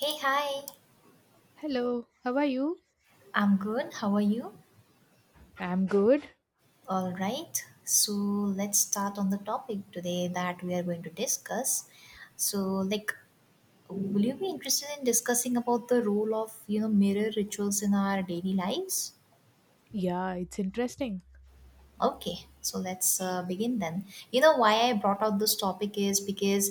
Hey, hi. Hello, how are you? I'm good. How are you? I'm good. All right. So, let's start on the topic today that we are going to discuss. So, like will you be interested in discussing about the role of, you know, mirror rituals in our daily lives? Yeah, it's interesting. Okay, so let's begin then. You know why I brought out this topic is because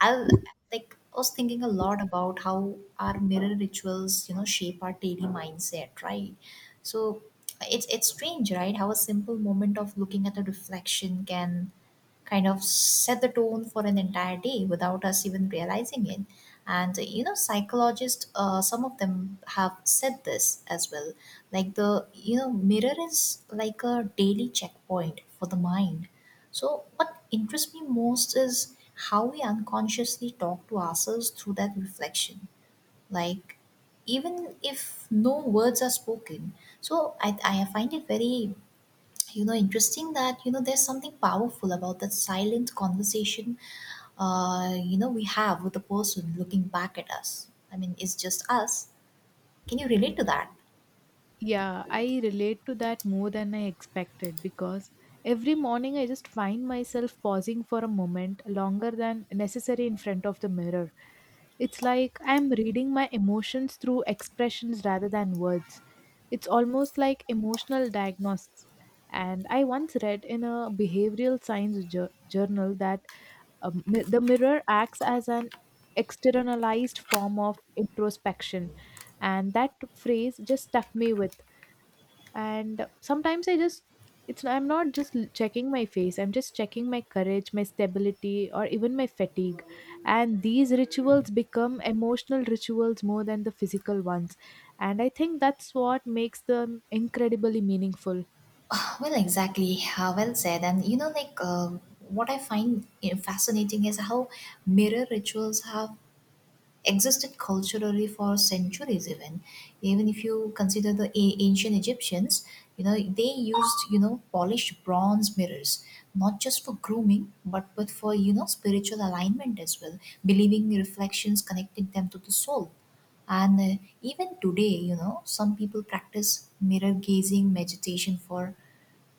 I I was thinking a lot about how our mirror rituals, you know, shape our daily mindset, right? So it's strange, right? How a simple moment of looking at a reflection can kind of set the tone for an entire day without us even realizing it. And you know, psychologists, some of them have said this as well, like the you know mirror is like a daily checkpoint for the mind. So what interests me most is how we unconsciously talk to ourselves through that reflection, like even if no words are spoken. I find it very you know interesting that you know there's something powerful about that silent conversation you know we have with the person looking back at us. I mean, it's just us. Can you relate to that? Yeah, I relate to that more than I expected because every morning I just find myself pausing for a moment longer than necessary in front of the mirror. It's like I'm reading my emotions through expressions rather than words. It's almost like emotional diagnosis. And I once read in a behavioral science journal that the mirror acts as an externalized form of introspection, and that phrase just stuck me with. And sometimes I just it's I'm not just checking my face, I'm just checking my courage, my stability, or even my fatigue. And these rituals become emotional rituals more than the physical ones. And I think that's what makes them incredibly meaningful. Well, exactly. Well said. And you know, like what I find you know, fascinating is how mirror rituals have existed culturally for centuries. Even if you consider the ancient Egyptians, you know, they used you know polished bronze mirrors not just for grooming, but for you know spiritual alignment as well, believing reflections connected them to the soul. And Even today, you know, some people practice mirror gazing meditation for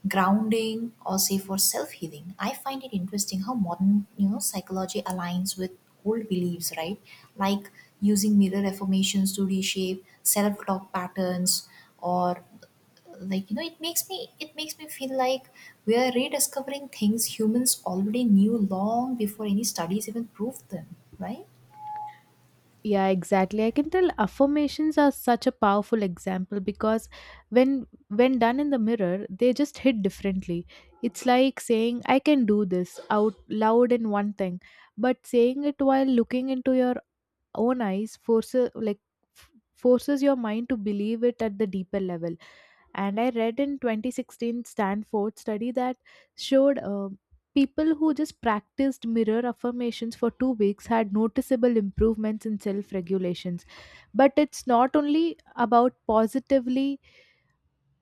grounding, or say for self-healing. I find it interesting how modern you know psychology aligns with old beliefs, right? Like using mirror affirmations to reshape self-talk patterns, or like you know it makes me feel like we are rediscovering things humans already knew long before any studies even proved them, right? Yeah, exactly. I can tell affirmations are such a powerful example because when done in the mirror, they just hit differently. It's like saying I can do this out loud in one thing, but saying it while looking into your own eyes forces forces your mind to believe it at the deeper level, and I read in 2016 Stanford study that showed people who just practiced mirror affirmations for 2 weeks had noticeable improvements in self regulations. But it's not only about positively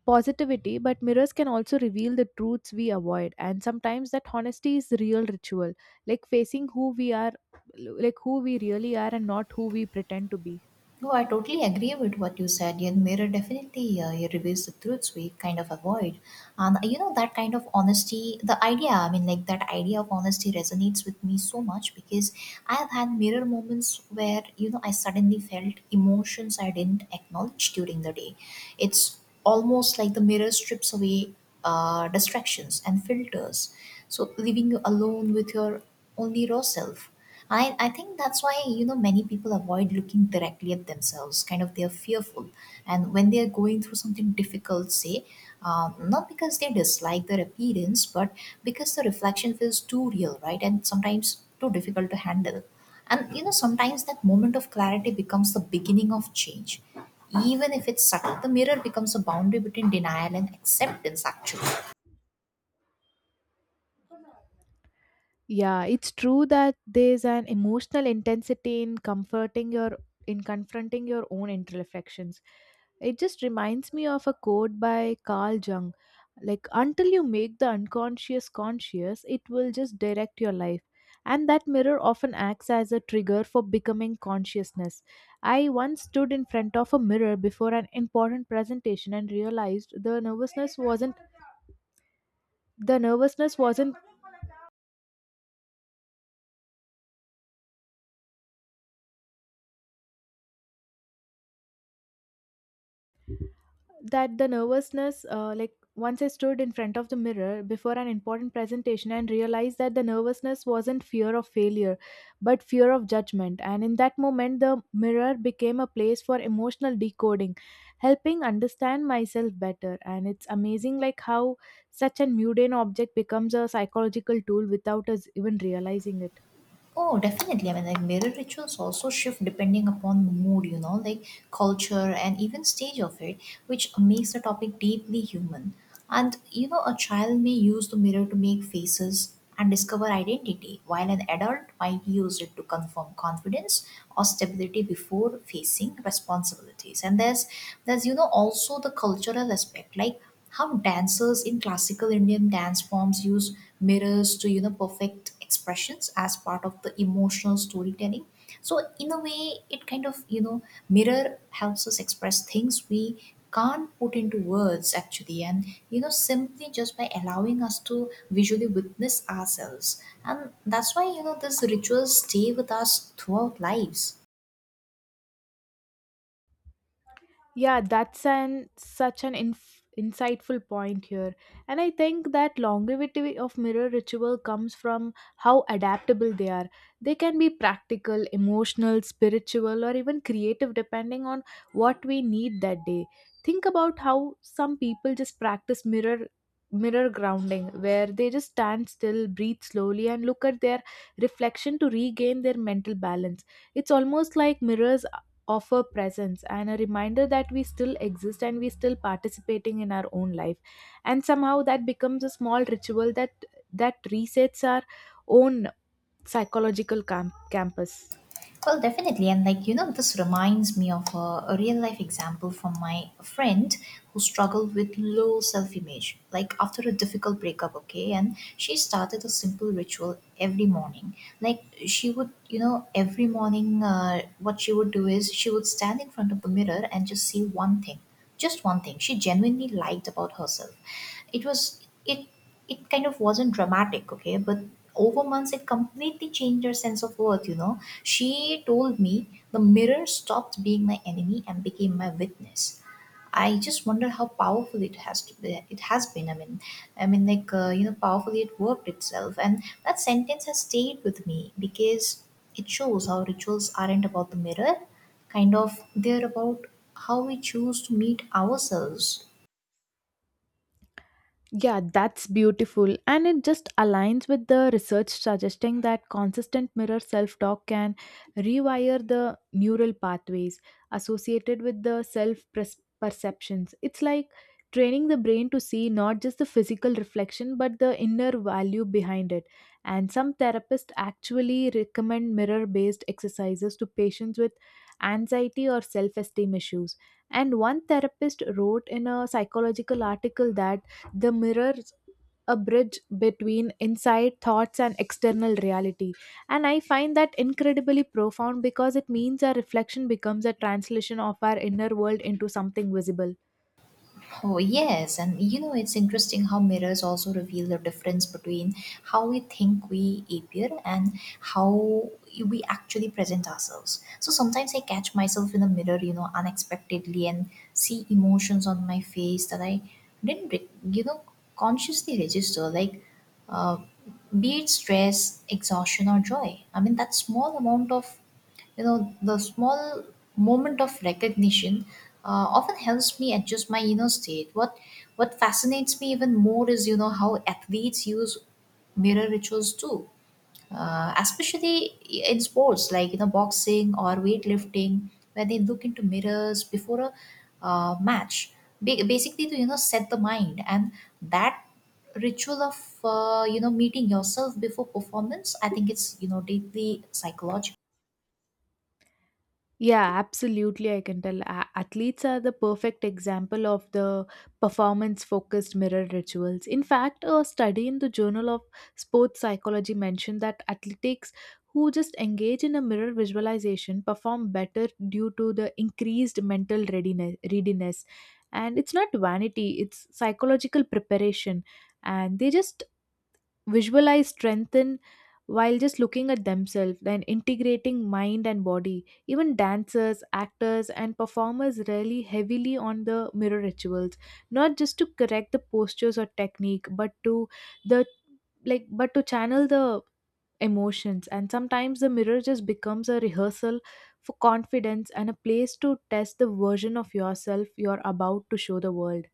positivity, but mirrors can also reveal the truths we avoid. And sometimes that honesty is the real ritual, like facing who we are, like who we really are, and not who we pretend to be. No, I totally agree with what you said. And mirror definitely it reveals the truths we kind of avoid, and you know that kind of honesty. The idea, I mean, like That idea of honesty resonates with me so much because I have had mirror moments where you know I suddenly felt emotions I didn't acknowledge during the day. It's almost like the mirror strips away distractions and filters, so leaving you alone with your only raw self. I think that's why you know many people avoid looking directly at themselves, kind of they're fearful, and when they're going through something difficult, say, not because they dislike their appearance but because the reflection feels too real, right? And sometimes too difficult to handle. And you know sometimes that moment of clarity becomes the beginning of change, even if it's subtle. The mirror becomes a boundary between denial and acceptance actually. Yeah, it's true that there's an emotional intensity in comforting your in confronting your own imperfections. It just reminds me of a quote by Carl Jung. Like until you make the unconscious conscious, it will just direct your life. And that mirror often acts as a trigger for becoming consciousness. I once stood in front of a mirror before an important presentation and realized the nervousness wasn't that the nervousness like Once I stood in front of the mirror before an important presentation and realized that the nervousness wasn't fear of failure, but fear of judgment. And in that moment the mirror became a place for emotional decoding, helping understand myself better. And it's amazing like how such an mundane object becomes a psychological tool without us even realizing it. Oh, definitely. I mean, like mirror rituals also shift depending upon the mood, you know, like culture and even stage of it, which makes the topic deeply human. And, you know, a child may use the mirror to make faces and discover identity, while an adult might use it to confirm confidence or stability before facing responsibilities. And there's, you know, also the cultural aspect, like how dancers in classical Indian dance forms use mirrors to, you know, perfect expressions as part of the emotional storytelling. So in a way, it kind of you know mirror helps us express things we can't put into words actually, and you know simply just by allowing us to visually witness ourselves. And that's why you know these rituals stay with us throughout lives. Yeah, that's an such an insightful point here. And I think that longevity of mirror ritual comes from how adaptable they are. They can be practical, emotional, spiritual, or even creative depending on what we need that day. Think about how some people just practice mirror grounding where they just stand still, breathe slowly and look at their reflection to regain their mental balance. It's almost like mirrors offer presence and a reminder that we still exist and we still participating in our own life, and somehow that becomes a small ritual that resets our own psychological campus. Well, definitely. And like, you know, this reminds me of a real life example from my friend who struggled with low self image, like after a difficult breakup, okay? And she started a simple ritual every morning. Like, she would, you know, every morning, what she would do is she would stand in front of the mirror and just see one thing, just one thing she genuinely liked about herself. it was it it kind of wasn't dramatic, okay, but over months it completely changed her sense of worth. You know, she told me the mirror stopped being my enemy and became my witness. I just wonder how powerful it has to be, It has been. I mean, you know, powerfully it worked itself, and that sentence has stayed with me because it shows how rituals aren't about the mirror, kind of they're about how we choose to meet ourselves. Yeah, that's beautiful. And it just aligns with the research suggesting that consistent mirror self talk can rewire the neural pathways associated with the self perceptions. It's like training the brain to see not just the physical reflection but the inner value behind it. And some therapists actually recommend mirror based exercises to patients with anxiety or self esteem issues. And one therapist wrote in a psychological article that the mirrors a bridge between inside thoughts and external reality. And I find that incredibly profound because it means our reflection becomes a translation of our inner world into something visible. Oh, yes. And you know, it's interesting how mirrors also reveal the difference between how we think we appear and how we actually present ourselves. So sometimes I catch myself in the mirror, you know, unexpectedly, and see emotions on my face that I didn't, re- you know, consciously register, like uh, be it stress, exhaustion, or joy. I mean, that small amount of you know, the small moment of recognition often helps me adjust my inner state. What fascinates me even more is you know how athletes use mirror rituals too, especially in sports like you know boxing or weightlifting, where they look into mirrors before a match, basically to you know set the mind. And that ritual of you know meeting yourself before performance, I think it's you know deeply psychological. Yeah, absolutely. I can tell. Athletes are the perfect example of the performance focused mirror rituals. In fact, a study in the Journal of Sports Psychology mentioned that athletes who just engage in a mirror visualization perform better due to the increased mental readiness. And it's not vanity, it's psychological preparation. And they just visualize strengthen while just looking at themselves, then integrating mind and body. Even dancers, actors and performers rely heavily on the mirror rituals, not just to correct the postures or technique, but to the channel the emotions. And sometimes the mirror just becomes a rehearsal for confidence and a place to test the version of yourself you're about to show the world.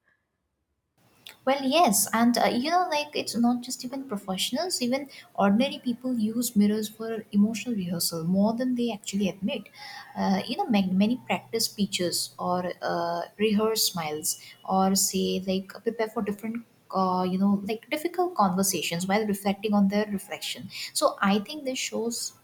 Well, yes, and you know, like it's not just even professionals, even ordinary people use mirrors for emotional rehearsal more than they actually admit. You know, many practice speeches or rehearse smiles, or say like prepare for different. You know, like difficult conversations while reflecting on their reflection. So I think this shows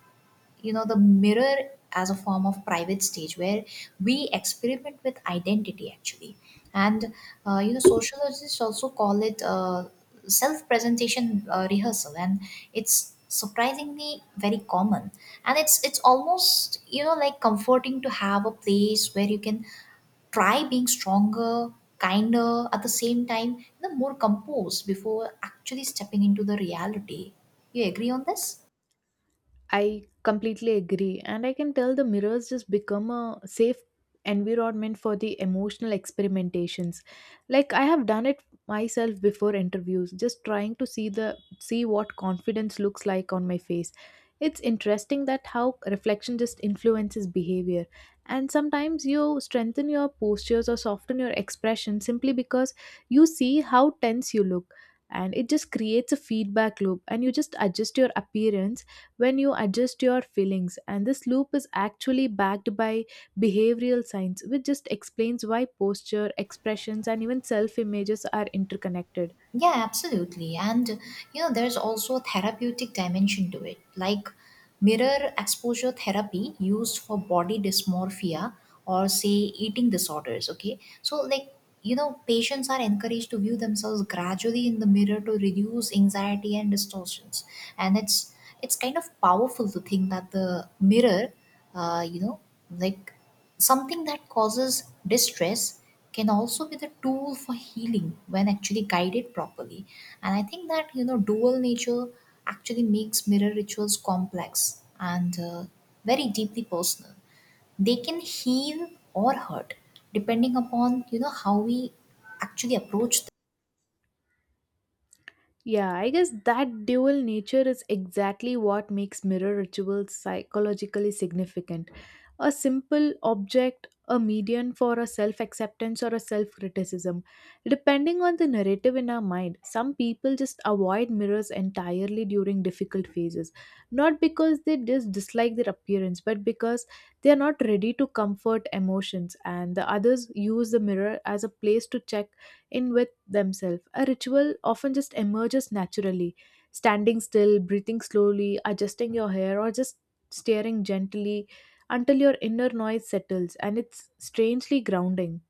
you know the mirror as a form of private stage where we experiment with identity actually. And you know sociologists also call it self-presentation rehearsal, and it's surprisingly very common. And it's almost you know like comforting to have a place where you can try being stronger, kinder at the same time, you know, more composed before actually stepping into the reality. You agree on this? I completely agree. And I can tell the mirrors just become a safe environment for the emotional experimentations. Like I have done it myself before interviews, just trying to see what confidence looks like on my face. It's interesting that how reflection just influences behavior. And sometimes you strengthen your postures or soften your expression simply because you see how tense you look. And it just creates a feedback loop and you just adjust your appearance when you adjust your feelings. And this loop is actually backed by behavioral science, which just explains why posture, expressions, and even self images are interconnected. Yeah, absolutely. And you know, there's also a therapeutic dimension to it, like mirror exposure therapy used for body dysmorphia or say eating disorders. Okay, so like you know, patients are encouraged to view themselves gradually in the mirror to reduce anxiety and distortions. And it's kind of powerful to think that the mirror, you know, like something that causes distress can also be the tool for healing when actually guided properly. And I think that you know dual nature actually makes mirror rituals complex and very deeply personal. They can heal or hurt depending upon you know how we actually approach them. Yeah, I guess that dual nature is exactly what makes mirror rituals psychologically significant. A simple object, a medium for a self acceptance or a self criticism. Depending on the narrative in our mind, some people just avoid mirrors entirely during difficult phases. Not because they just dislike their appearance, but because they are not ready to comfort emotions, and the others use the mirror as a place to check in with themselves. A ritual often just emerges naturally, standing still, breathing slowly, adjusting your hair, or just staring gently until your inner noise settles, and it's strangely grounding.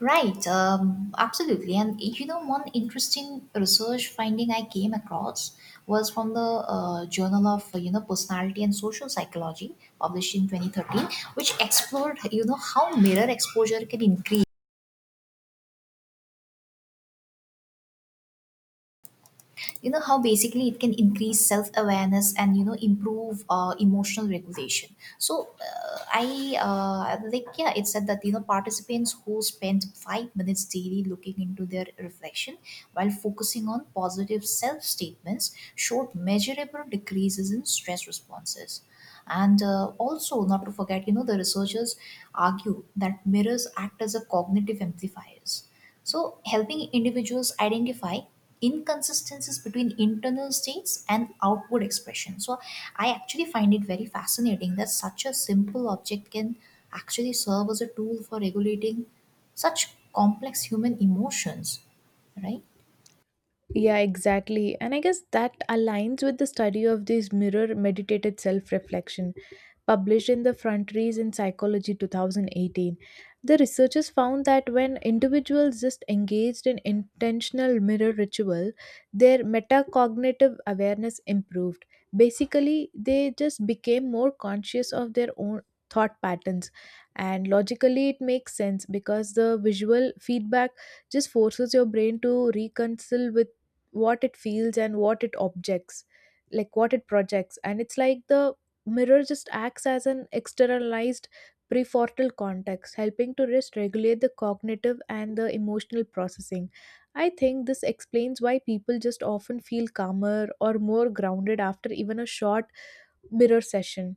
Right, absolutely. And you know, one interesting research finding I came across was from the Journal of you know Personality and Social Psychology, published in 2013, which explored you know how mirror exposure can increase, you know how basically it can increase self awareness and you know improve emotional regulation. So I like yeah, it said that you know participants who spend 5 minutes daily looking into their reflection while focusing on positive self statements showed measurable decreases in stress responses. And also not to forget you know the researchers argue that mirrors act as a cognitive amplifiers, so helping individuals identify inconsistencies between internal states and outward expression. So I actually find it very fascinating that such a simple object can actually serve as a tool for regulating such complex human emotions, right? Yeah, exactly. And I guess that aligns with the study of this mirror meditated self reflection published in the Frontiers in Psychology 2018. The researchers found that when individuals just engaged in intentional mirror ritual, their metacognitive awareness improved. Basically, they just became more conscious of their own thought patterns. And logically it makes sense because the visual feedback just forces your brain to reconcile with what it feels and what it projects. And it's like the mirror just acts as an externalized prefrontal context, helping to just regulate the cognitive and the emotional processing. I think this explains why people just often feel calmer or more grounded after even a short mirror session.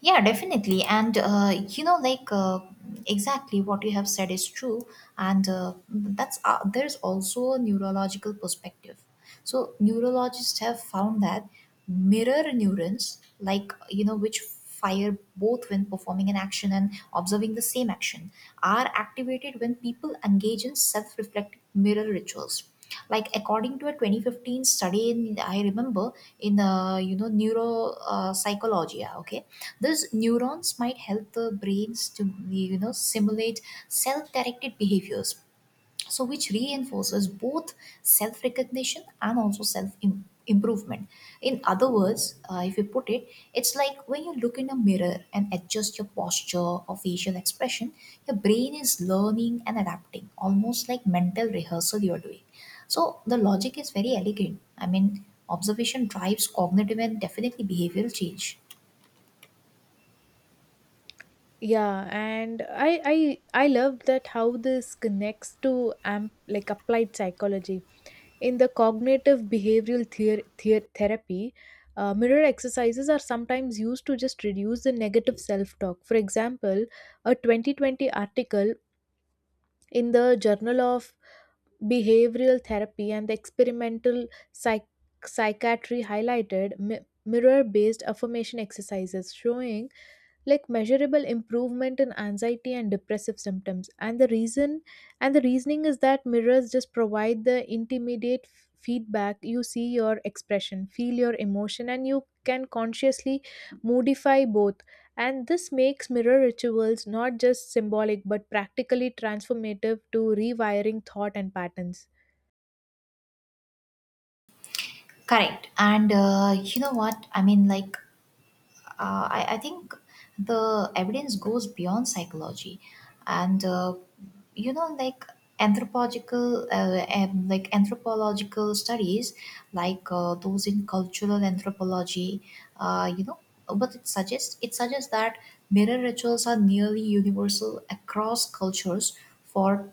Yeah, definitely. And, you know, like, exactly what you have said is true. And that's there's also a neurological perspective. So, neurologists have found that mirror neurons, like, you know, which fire both when performing an action and observing the same action, are activated when people engage in self reflective mirror rituals. Like according to a 2015 study, in, I remember in you know neuro psychology, yeah, okay, these neurons might help the brains to you know simulate self-directed behaviors, so which reinforces both self-recognition and also self improvement. In other words, if you put it, it's like when you look in a mirror and adjust your posture or facial expression, your brain is learning and adapting, almost like mental rehearsal you're doing. So the logic is very elegant. I mean, observation drives cognitive and definitely behavioral change. Yeah, and I love that how this connects to amp like applied psychology. In the cognitive behavioral therapy, mirror exercises are sometimes used to just reduce the negative self talk. For example, a 2020 article in the Journal of Behavioral Therapy and the Experimental Psychiatry highlighted mirror based affirmation exercises, showing like measurable improvement in anxiety and depressive symptoms. And the reasoning is that mirrors just provide the intermediate feedback. You see your expression, feel your emotion, and you can consciously modify both. And this makes mirror rituals not just symbolic but practically transformative to rewiring thought and patterns. Correct. And you know what? I mean, like, I think the evidence goes beyond psychology. And, you know, like, anthropological anthropological studies, like those in cultural anthropology, you know, but it suggests that mirror rituals are nearly universal across cultures for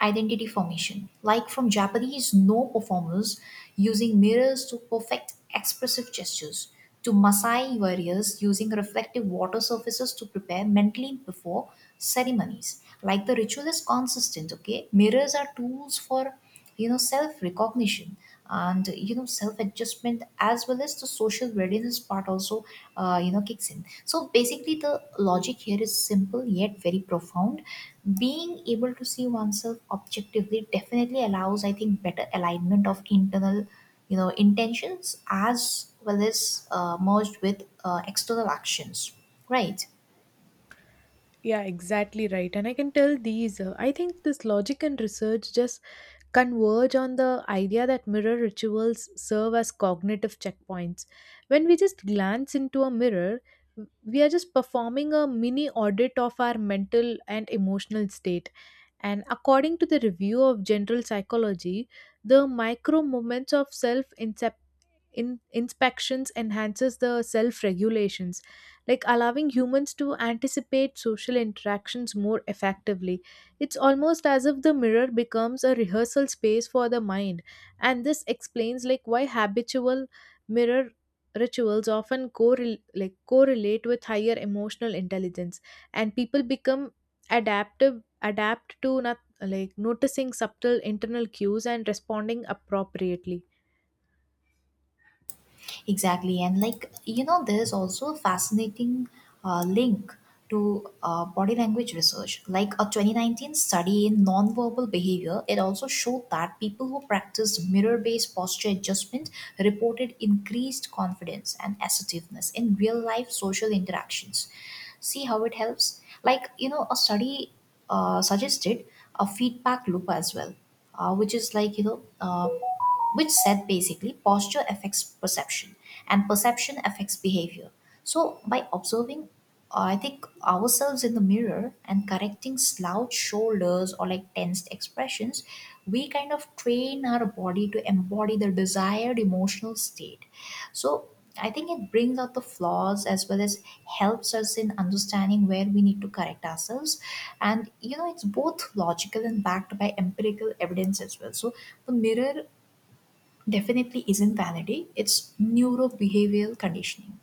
identity formation. Like from Japanese no performers using mirrors to perfect expressive gestures, to Maasai warriors using reflective water surfaces to prepare mentally before ceremonies. Like the ritual is consistent, okay? Mirrors are tools for, you know, self recognition and, you know, self adjustment as well as the social readiness part also you know kicks in, so basically the logic here is simple yet very profound. Being able to see oneself objectively definitely allows, I think, better alignment of internal, you know, intentions as well as merged with external actions, right? Yeah, exactly right. And I can tell these, I think this logic and research just converge on the idea that mirror rituals serve as cognitive checkpoints. When we just glance into a mirror, we are just performing a mini audit of our mental and emotional state. And according to the review of general psychology, the micro moments of self inspections enhances the self regulations, like allowing humans to anticipate social interactions more effectively. It's almost as if the mirror becomes a rehearsal space for the mind, and this explains like why habitual mirror rituals often correlate with higher emotional intelligence, and people become adaptive adapt to not like noticing subtle internal cues and responding appropriately. Exactly. And like, you know, there's also a fascinating link to body language research. Like a 2019 study in nonverbal behavior, it also showed that people who practiced mirror based posture adjustment reported increased confidence and assertiveness in real life social interactions. See how it helps? Like, you know, a study suggested a feedback loop as well, which is like, you know, which said basically posture affects perception and perception affects behavior. So, by observing, I think, ourselves in the mirror and correcting slouched shoulders or like tensed expressions, we kind of train our body to embody the desired emotional state. So, I think it brings out the flaws as well as helps us in understanding where we need to correct ourselves. And, you know, it's both logical and backed by empirical evidence as well. So, the mirror definitely isn't vanity, it's neurobehavioral conditioning.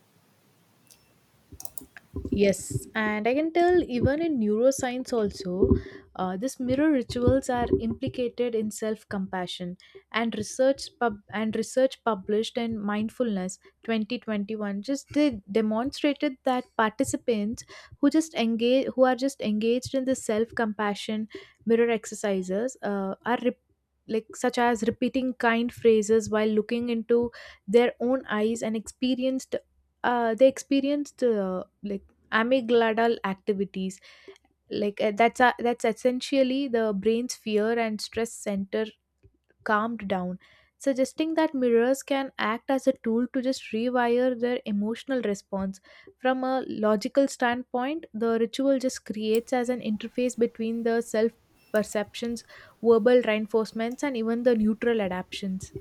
Yes, and I can tell even in neuroscience also, this mirror rituals are implicated in self-compassion, and research published in Mindfulness 2021 just they demonstrated that participants who are just engaged in the self-compassion mirror exercises, like such as repeating kind phrases while looking into their own eyes and experienced amygdala activities, like that's essentially the brain's fear and stress center calmed down, suggesting that mirrors can act as a tool to just rewire their emotional response. From a logical standpoint, the ritual just creates as an interface between the self perceptions, verbal reinforcements, and even the neutral adaptations.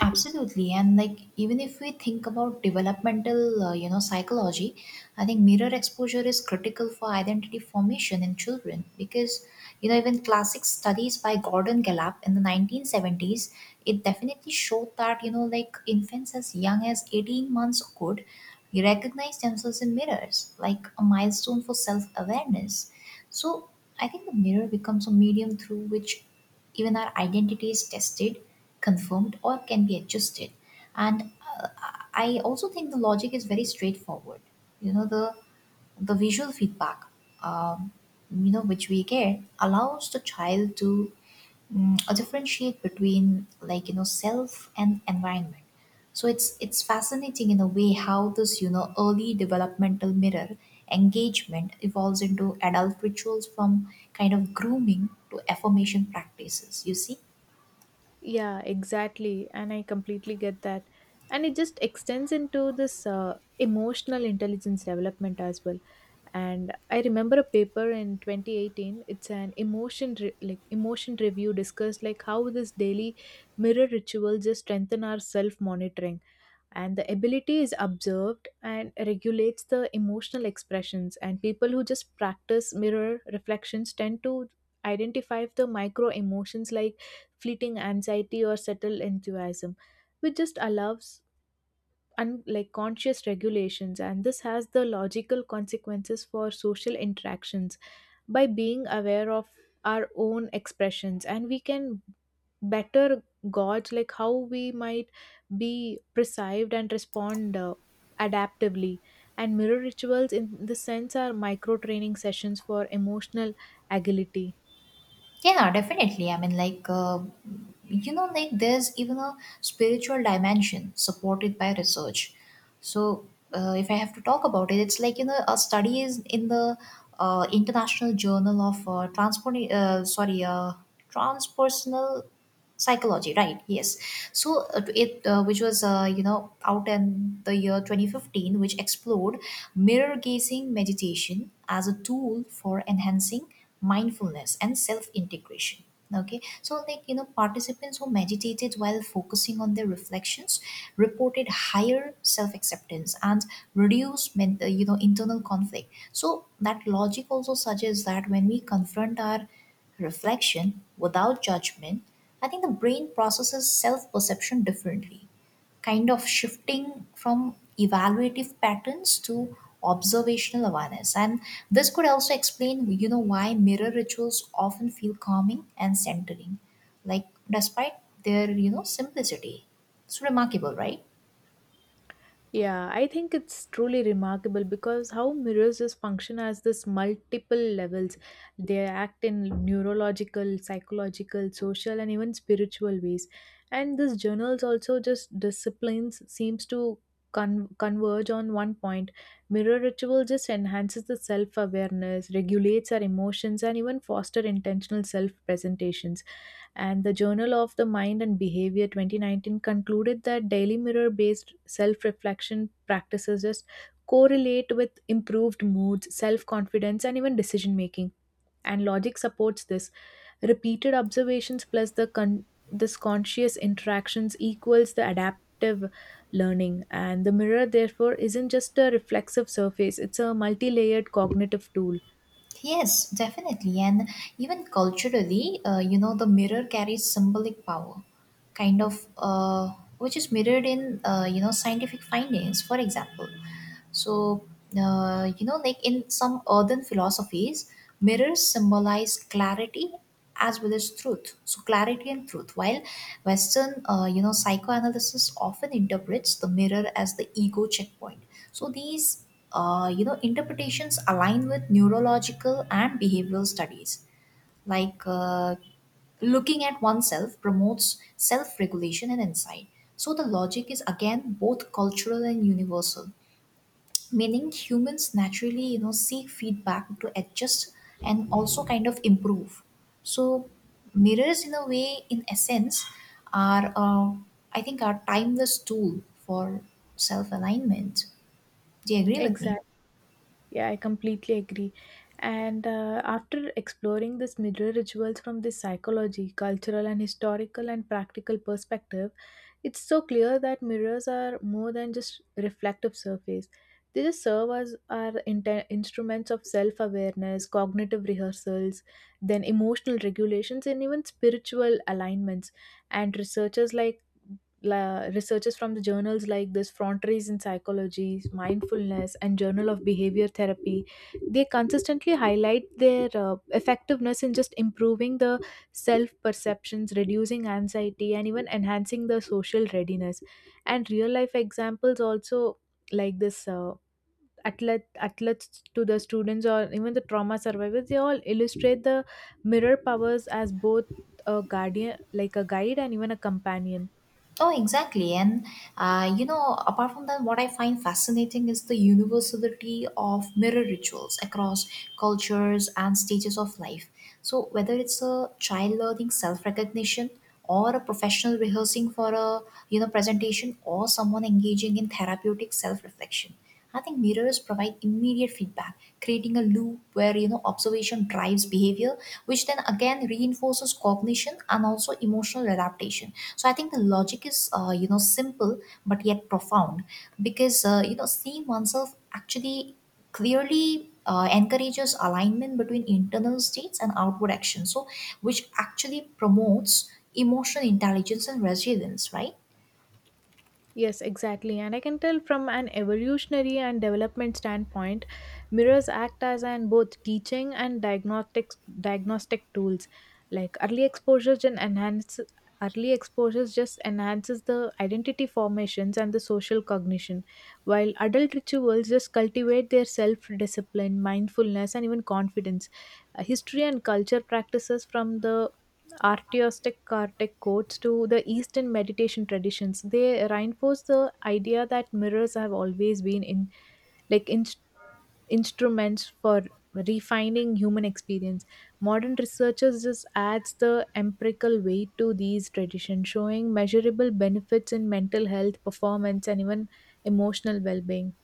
Absolutely, and like even if we think about developmental, you know, psychology, I think mirror exposure is critical for identity formation in children because, you know, even classic studies by Gordon Gallup in the 1970s, it definitely showed that, you know, like infants as young as 18 months could recognize themselves in mirrors, like a milestone for self-awareness. So I think the mirror becomes a medium through which even our identity is tested, confirmed, or can be adjusted. And uh, I also think the logic is very straightforward. You know, the visual feedback, um, you know, which we get allows the child to differentiate between, like, you know, self and environment. So it's fascinating in a way how this, you know, early developmental mirror engagement evolves into adult rituals, from kind of grooming to affirmation practices. You see. Yeah, exactly. And I completely get that. And it just extends into this emotional intelligence development as well. And I remember a paper in 2018. It's an emotion review discussed like how this daily mirror ritual just strengthen our self monitoring and the ability is observed and regulates the emotional expressions. And people who just practice mirror reflections tend to identify the micro emotions, like fleeting anxiety or subtle enthusiasm, which just allows conscious regulations. And this has the logical consequences for social interactions. By being aware of our own expressions, and we can better gauge like how we might be perceived and respond adaptively. And mirror rituals in this sense are micro training sessions for emotional agility. Yeah, definitely. I mean, like, you know, like, there's even a spiritual dimension supported by research. So, if I have to talk about it, it's like, you know, a study is in the International Journal of Transpersonal Psychology, right? Yes. So it which was, you know, out in the year 2015, which explored mirror gazing meditation as a tool for enhancing mindfulness and self integration. Okay, so, like, you know, participants who meditated while focusing on their reflections reported higher self acceptance and reduced you know, internal conflict. So that logic also suggests that when we confront our reflection without judgment, I think the brain processes self perception differently, kind of shifting from evaluative patterns to observational awareness. And this could also explain, you know, why mirror rituals often feel calming and centering, like despite their, you know, simplicity. It's remarkable, right? Yeah, I think it's truly remarkable because how mirrors just function as this multiple levels. They act in neurological, psychological, social, and even spiritual ways. And this journals also just disciplines seems to converge on one point. Mirror ritual just enhances the self awareness, regulates our emotions, and even foster intentional self presentations. And the Journal of the Mind and Behavior 2019 concluded that daily mirror based self reflection practices just correlate with improved moods, self confidence, and even decision making. And logic supports this. Repeated observations plus the con- this conscious interactions equals the adaptive learning. And the mirror, therefore, isn't just a reflexive surface, it's a multi layered cognitive tool. Yes, definitely. And even culturally, you know, the mirror carries symbolic power, kind of, which is mirrored in, you know, scientific findings, for example. So, you know, like in some earthen philosophies, mirrors symbolize clarity as well as truth. So, clarity and truth. While Western, you know, psychoanalysis often interprets the mirror as the ego checkpoint. So, these, you know, interpretations align with neurological and behavioral studies. Like, looking at oneself promotes self regulation and insight. So, the logic is again both cultural and universal, meaning humans naturally, you know, seek feedback to adjust and also kind of improve. So mirrors, in a way, in essence, are, I think are timeless tool for self alignment. Do you agree with me? Exactly. Yeah, I completely agree. And after exploring this mirror rituals from this psychology, cultural and historical and practical perspective, it's so clear that mirrors are more than just reflective surface. They just serve as our instruments of self-awareness, cognitive rehearsals, then emotional regulations, and even spiritual alignments. And researchers from the journals like this Frontiers in Psychology, Mindfulness and Journal of Behavior Therapy, they consistently highlight their effectiveness in just improving the self perceptions, reducing anxiety and even enhancing the social readiness. And real life examples also, like this athlete athletes to the students or even the trauma survivors, they all illustrate the mirror powers as both a guardian like a guide and even a companion. Oh, exactly. And, you know, apart from that, what I find fascinating is the universality of mirror rituals across cultures and stages of life. So, whether it's a child learning self recognition, or a professional rehearsing for a, you know, presentation, or someone engaging in therapeutic self reflection, I think mirrors provide immediate feedback, creating a loop where, you know, observation drives behavior, which then again reinforces cognition and also emotional adaptation. So I think the logic is, you know, simple but yet profound, because, you know, seeing oneself actually clearly encourages alignment between internal states and outward actions. So, which actually promotes emotional intelligence and resilience, right? Yes, exactly. And I can tell from an evolutionary and development standpoint, mirrors act as an both teaching and diagnostic tools. Like early exposures just enhances the identity formations and the social cognition, while adult rituals just cultivate their self-discipline, mindfulness, and even confidence. History and culture practices from the artistic Kartik quotes to the Eastern meditation traditions. They reinforce the idea that mirrors have always been like in, instruments for refining human experience. Modern researchers just adds the empirical weight to these traditions, showing measurable benefits in mental health, performance, and even emotional well-being.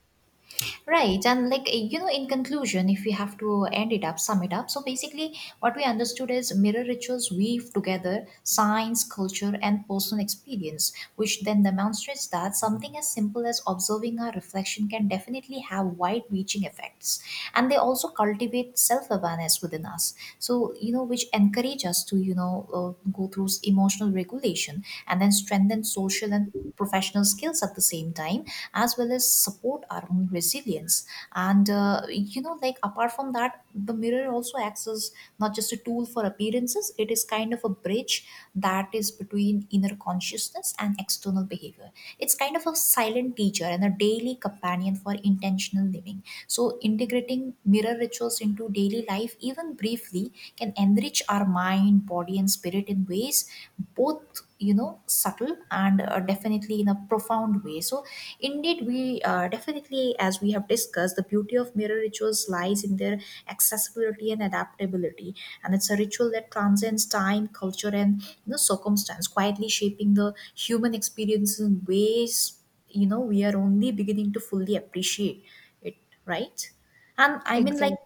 Right, and like, you know, in conclusion, if we have to end it up, sum it up. So basically, what we understood is mirror rituals weave together science, culture, and personal experience, which then demonstrates that something as simple as observing our reflection can definitely have wide-reaching effects, and they also cultivate self-awareness within us. So, you know, which encourage us to, you know, go through emotional regulation and then strengthen social and professional skills at the same time, as well as support our own resilience. And, you know, like, apart from that, the mirror also acts as not just a tool for appearances, it is kind of a bridge that is between inner consciousness and external behavior. It's kind of a silent teacher and a daily companion for intentional living. So, integrating mirror rituals into daily life, even briefly, can enrich our mind, body, and spirit in ways both, you know, subtle and, definitely, in a profound way. So indeed we, definitely. Finally, as we have discussed, the beauty of mirror rituals lies in their accessibility and adaptability. And it's a ritual that transcends time, culture, and, you know, circumstance, quietly shaping the human experience in ways, you know, we are only beginning to fully appreciate it, right? And I mean, like, Exactly.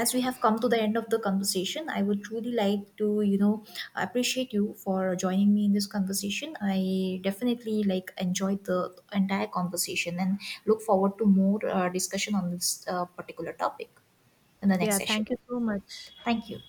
as we have come to the end of the conversation, I would truly like to, you know, appreciate you for joining me in this conversation. I definitely like enjoyed the entire conversation and look forward to more discussion on this particular topic in the next Yeah, session. thank you so much. Thank you.